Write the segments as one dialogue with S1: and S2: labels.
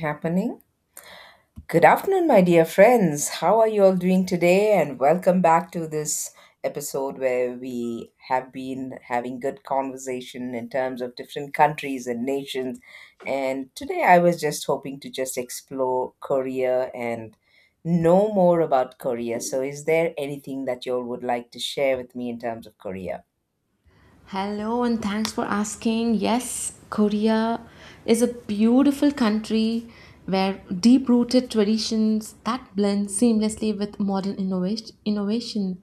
S1: Happening. Good afternoon, my dear friends. How are you all doing today? And welcome back to this episode where we have been having good conversation in terms of different countries and nations. And today I was just hoping to just explore Korea and know more about Korea. So, is there anything that you all would like to share with me in terms of Korea?
S2: Hello, and thanks for asking. Yes, Korea is a beautiful country where deep rooted traditions that blend seamlessly with modern innovation.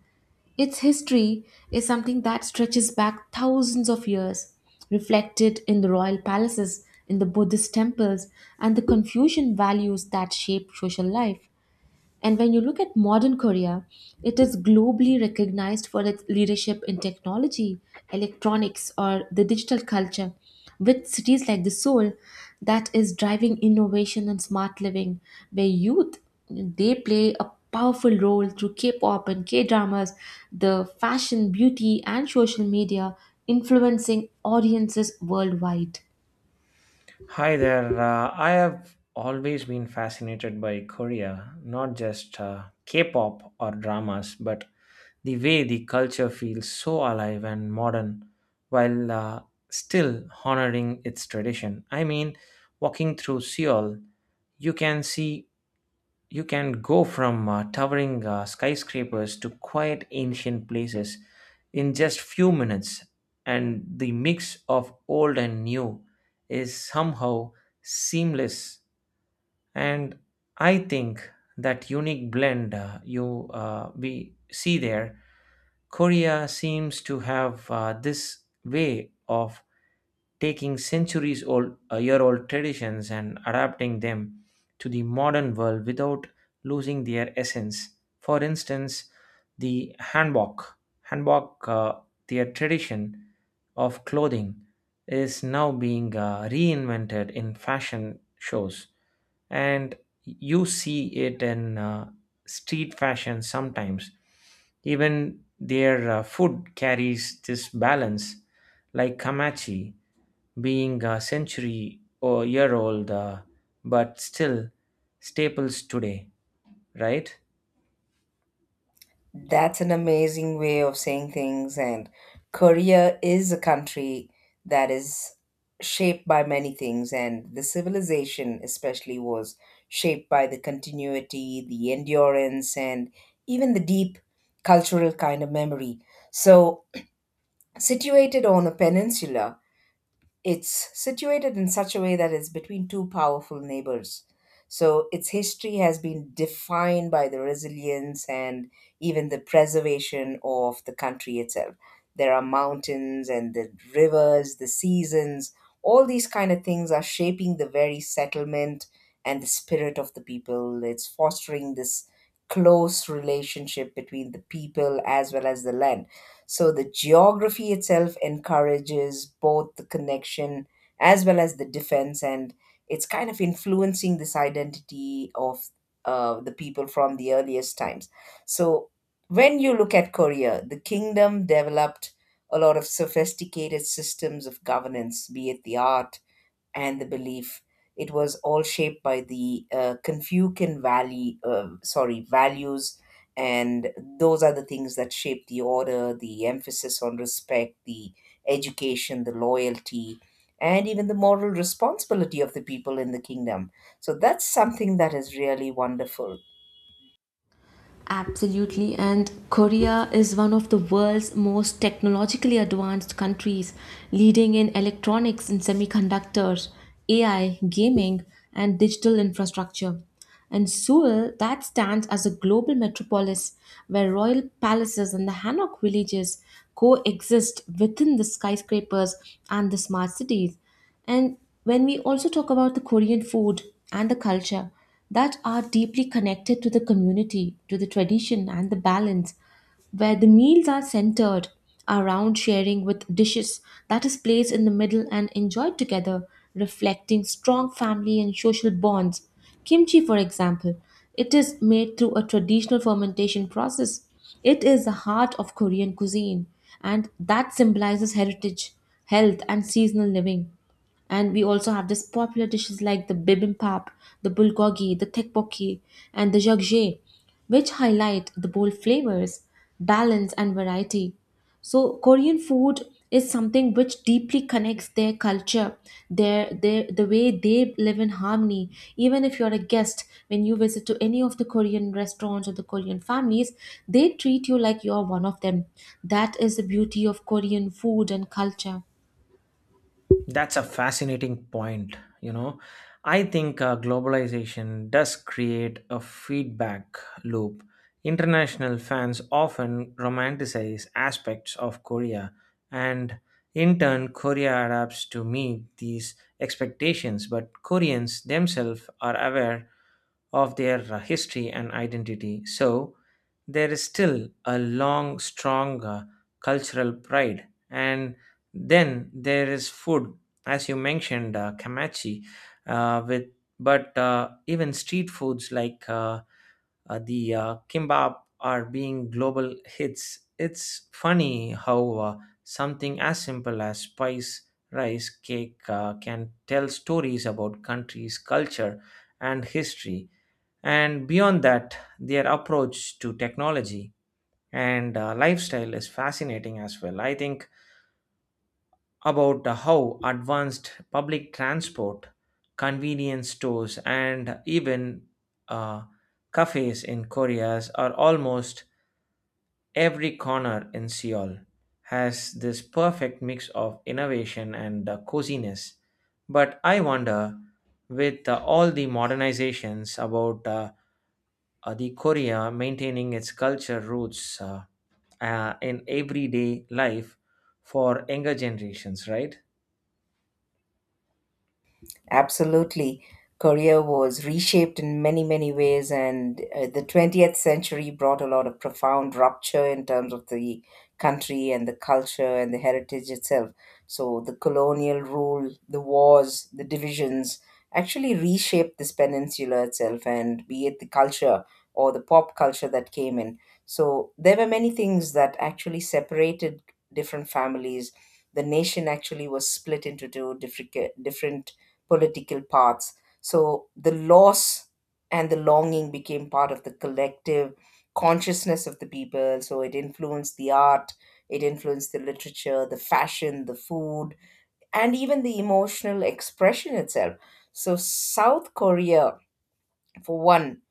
S2: Its history is something that stretches back thousands of years, reflected in the royal palaces, in the Buddhist temples, and the Confucian values that shape social life. And when you look at modern Korea, it is globally recognized for its leadership in technology, electronics, or the digital culture, with cities like the Seoul that is driving innovation and smart living, where youth they play a powerful role through K-pop and K-dramas, the fashion, beauty, and social media, influencing audiences worldwide.
S3: Hi there. I have always been fascinated by Korea, not just K pop or dramas, but the way the culture feels so alive and modern while still honoring its tradition. I mean, walking through Seoul, you can see you can go from towering skyscrapers to quiet ancient places in just few minutes, and the mix of old and new is somehow seamless. And I think that unique blend you we see there, Korea seems to have this way of taking centuries old year old traditions and adapting them to the modern world without losing their essence. For instance, the hanbok, their tradition of clothing, is now being reinvented in fashion shows, and you see it in street fashion sometimes. Even their food carries this balance, like kamachi being a century or year old, but still staples today, right?
S1: That's an amazing way of saying things. And Korea is a country that is shaped by many things, and the civilization, especially, was shaped by the continuity, the endurance, and even the deep cultural kind of memory. So, situated on a peninsula, it's situated in such a way that it's between two powerful neighbors. So its history has been defined by the resilience and even the preservation of the country itself. There are mountains and the rivers, the seasons, all these kind of things are shaping the very settlement and the spirit of the people. It's fostering this close relationship between the people as well as the land, so the geography itself encourages both the connection as well as the defense, and it's kind of influencing this identity of the people from the earliest times. So when you look at Korea, the kingdom developed a lot of sophisticated systems of governance, be it the art, and the belief. It was all shaped by the sorry, values, and those are the things that shape the order, the emphasis on respect, the education, the loyalty, and even the moral responsibility of the people in the kingdom. So that's something that is really wonderful.
S2: Absolutely, and Korea is one of the world's most technologically advanced countries, leading in electronics and semiconductors, AI, gaming, and digital infrastructure. And Seoul, that stands as a global metropolis where royal palaces and the Hanok villages coexist within the skyscrapers and the smart cities. And when we also talk about the Korean food and the culture that are deeply connected to the community, to the tradition and the balance, where the meals are centered around sharing with dishes that is placed in the middle and enjoyed together, reflecting strong family and social bonds. Kimchi, for example, it is made through a traditional fermentation process. It is the heart of Korean cuisine, and that symbolizes heritage, health, and seasonal living. And we also have this popular dishes like the bibimbap, the bulgogi, the tteokbokki, and the jjigae which highlight the bold flavors, balance, and variety. So, Korean food is something which deeply connects their culture, their the way they live in harmony. Even if you're a guest, when you visit to any of the Korean restaurants or the Korean families, they treat you like you're one of them. That is the beauty of Korean food and culture.
S3: That's a fascinating point. You know, I think globalization does create a feedback loop. International fans often romanticize aspects of Korea, and in turn, Korea adapts to meet these expectations. But Koreans themselves are aware of their history and identity. So there is still a long, strong cultural pride. And then there is food, as you mentioned, Kamachi, with but even street foods like the kimbap are being global hits. It's funny how something as simple as spice rice cake can tell stories about countries, culture, and history. And beyond that, their approach to technology and lifestyle is fascinating as well. I think about how advanced public transport, convenience stores, and even uh, cafes in Korea's are almost every corner in Seoul has this perfect mix of innovation and coziness. But I wonder, with all the modernizations about the Korea maintaining its culture roots in everyday life for younger generations, right?
S1: Absolutely. Korea was reshaped in many, many ways, and the 20th century brought a lot of profound rupture in terms of the country and the culture and the heritage itself. So, the colonial rule, the wars, the divisions actually reshaped this peninsula itself, and be it the culture or the pop culture that came in. So, there were many things that actually separated different families. The nation actually was split into two different political paths. So the loss and the longing became part of the collective consciousness of the people. So it influenced the art, it influenced the literature, the fashion, the food, and even the emotional expression itself. So South Korea, for one,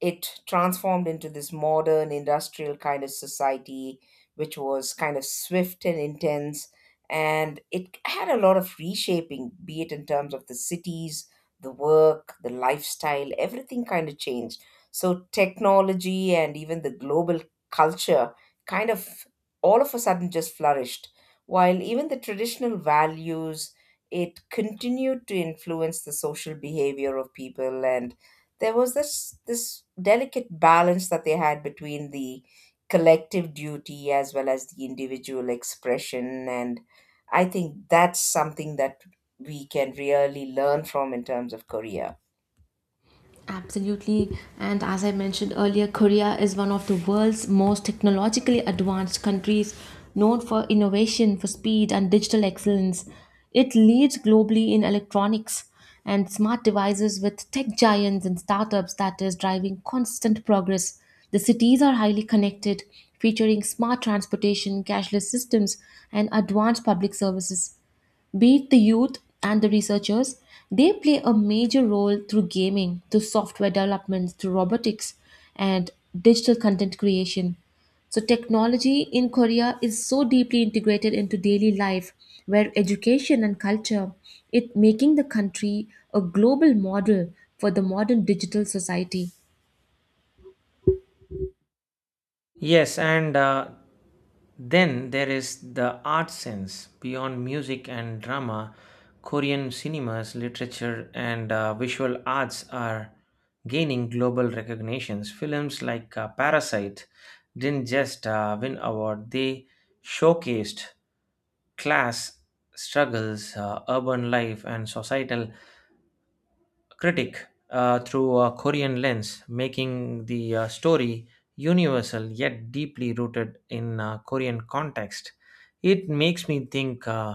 S1: it transformed into this modern industrial kind of society, which was kind of swift and intense. And it had a lot of reshaping, be it in terms of the cities, the work, the lifestyle, everything kind of changed. So, technology and even the global culture kind of all of a sudden just flourished, while even the traditional values. It continued to influence the social behavior of people, and there was this delicate balance that they had between the collective duty as well as the individual expression, and I think that's something that we can really learn from in terms of Korea.
S2: Absolutely. And as I mentioned earlier, Korea is one of the world's most technologically advanced countries, known for innovation, for speed, and digital excellence. It leads globally in electronics and smart devices with tech giants and startups that is driving constant progress. The cities are highly connected, featuring smart transportation, cashless systems, and advanced public services. Be it the youth and the researchers, they play a major role through gaming, through software developments, through robotics, and digital content creation. So, technology in Korea is so deeply integrated into daily life, where education and culture, it making the country a global model for the modern digital society.
S3: Yes, and then there is the art sense beyond music and drama. Korean cinemas, literature, and visual arts are gaining global recognitions. Films like Parasite didn't just win award; they showcased class struggles, urban life, and societal critic through a Korean lens, making the story universal yet deeply rooted in Korean context. It makes me think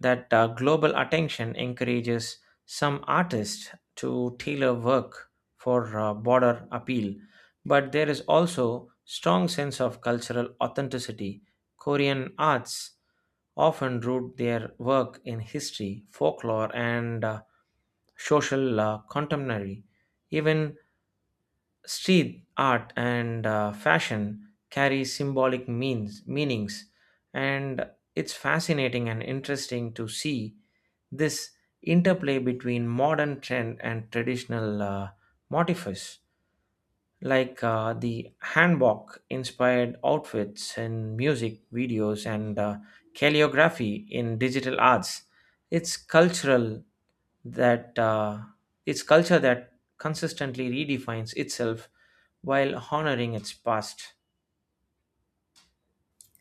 S3: that global attention encourages some artists to tailor work for broader appeal, but there is also strong sense of cultural authenticity. Korean arts often root their work in history, folklore, and social contemporary. Even street art and fashion carry symbolic means meanings, and it's fascinating and interesting to see this interplay between modern trend and traditional motifs, like the hanbok inspired outfits in music videos and calligraphy in digital arts. it's cultural that uh, it's culture that consistently redefines itself while honoring its past.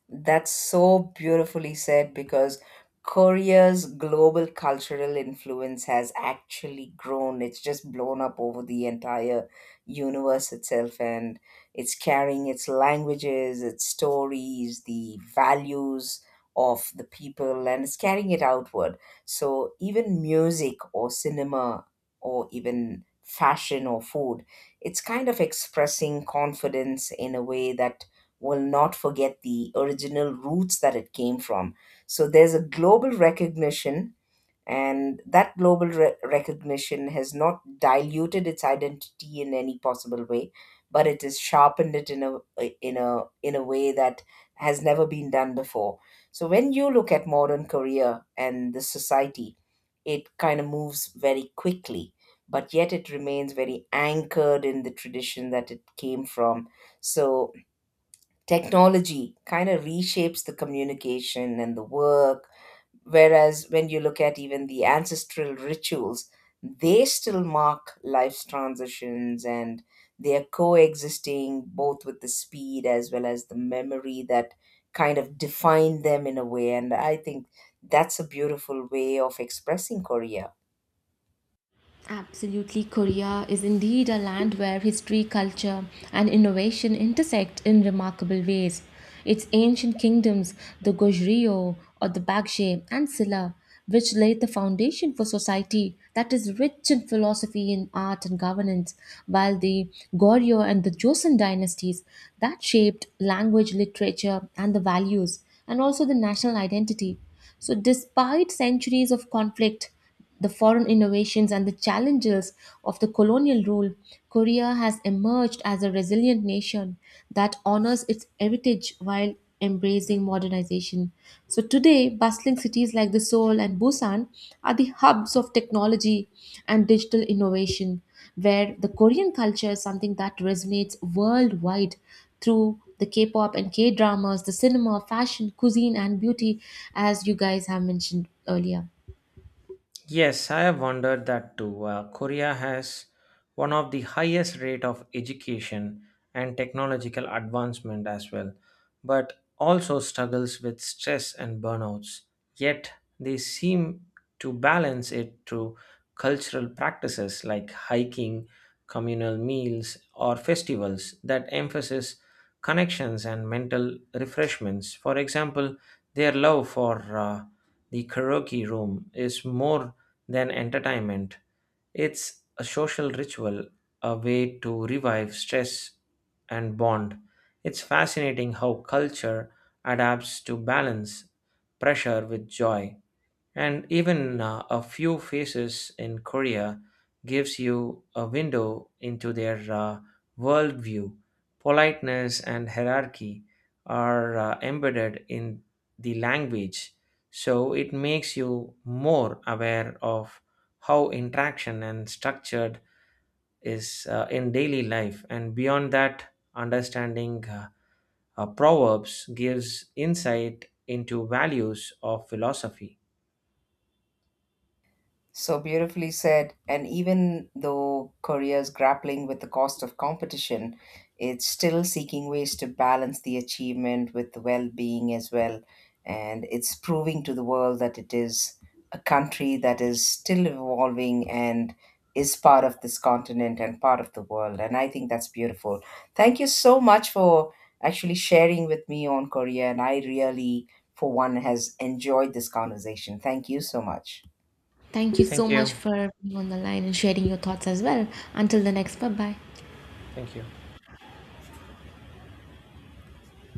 S1: That's so beautifully said because Korea's global cultural influence has actually grown. It's just blown up over the entire universe itself, and it's carrying its languages, its stories, the values of the people, and it's carrying it outward. So, even music or cinema or even fashion or food, it's kind of expressing confidence in a way that will not forget the original roots that it came from. So there's a global recognition, and that global recognition has not diluted its identity in any possible way, but it has sharpened it in a way that has never been done before. So when you look at modern Korea and the society, it kind of moves very quickly, but yet it remains very anchored in the tradition that it came from. So technology kind of reshapes the communication and the work. Whereas when you look at even the ancestral rituals, they still mark life's transitions, and they are coexisting both with the speed as well as the memory that kind of define them in a way. And I think that's a beautiful way of expressing Korea.
S2: Absolutely, Korea is indeed a land where history, culture, and innovation intersect in remarkable ways. Its ancient kingdoms, the Goryeo or the Baekje and Silla, which laid the foundation for society that is rich in philosophy and art and governance, while the Goryeo and the Joseon dynasties that shaped language, literature, and the values, and also the national identity. So, despite centuries of conflict, the foreign innovations and the challenges of the colonial rule, Korea has emerged as a resilient nation that honors its heritage while embracing modernization. So today, bustling cities like the Seoul and Busan are the hubs of technology and digital innovation, where the Korean culture is something that resonates worldwide through the K-pop and K-dramas, the cinema, fashion, cuisine, and beauty, as you guys have mentioned earlier.
S3: Yes, I have wondered that too. Korea has one of the highest rate of education and technological advancement as well, but also struggles with stress and burnouts. Yet they seem to balance it through cultural practices like hiking, communal meals, or festivals that emphasize connections and mental refreshments. For example, their love for the karaoke room is more than entertainment. It's a social ritual, a way to revive stress and bond. It's fascinating how culture adapts to balance pressure with joy. And even a few faces in Korea gives you a window into their worldview. Politeness and hierarchy are embedded in the language, so it makes you more aware of how interaction and structured is in daily life. And beyond that, understanding proverbs gives insight into values of philosophy.
S1: So beautifully said. And even though Korea is grappling with the cost of competition, it's still seeking ways to balance the achievement with the well being as well. And it's proving to the world that it is a country that is still evolving and is part of this continent and part of the world. And I think that's beautiful. Thank you so much for actually sharing with me on Korea. And I, really, for one, has enjoyed this conversation. Thank you so much.
S2: Thank you
S3: Thank
S2: so much
S3: you.
S2: for being on the line and sharing your thoughts as well. Until the next, bye bye.
S3: Thank you.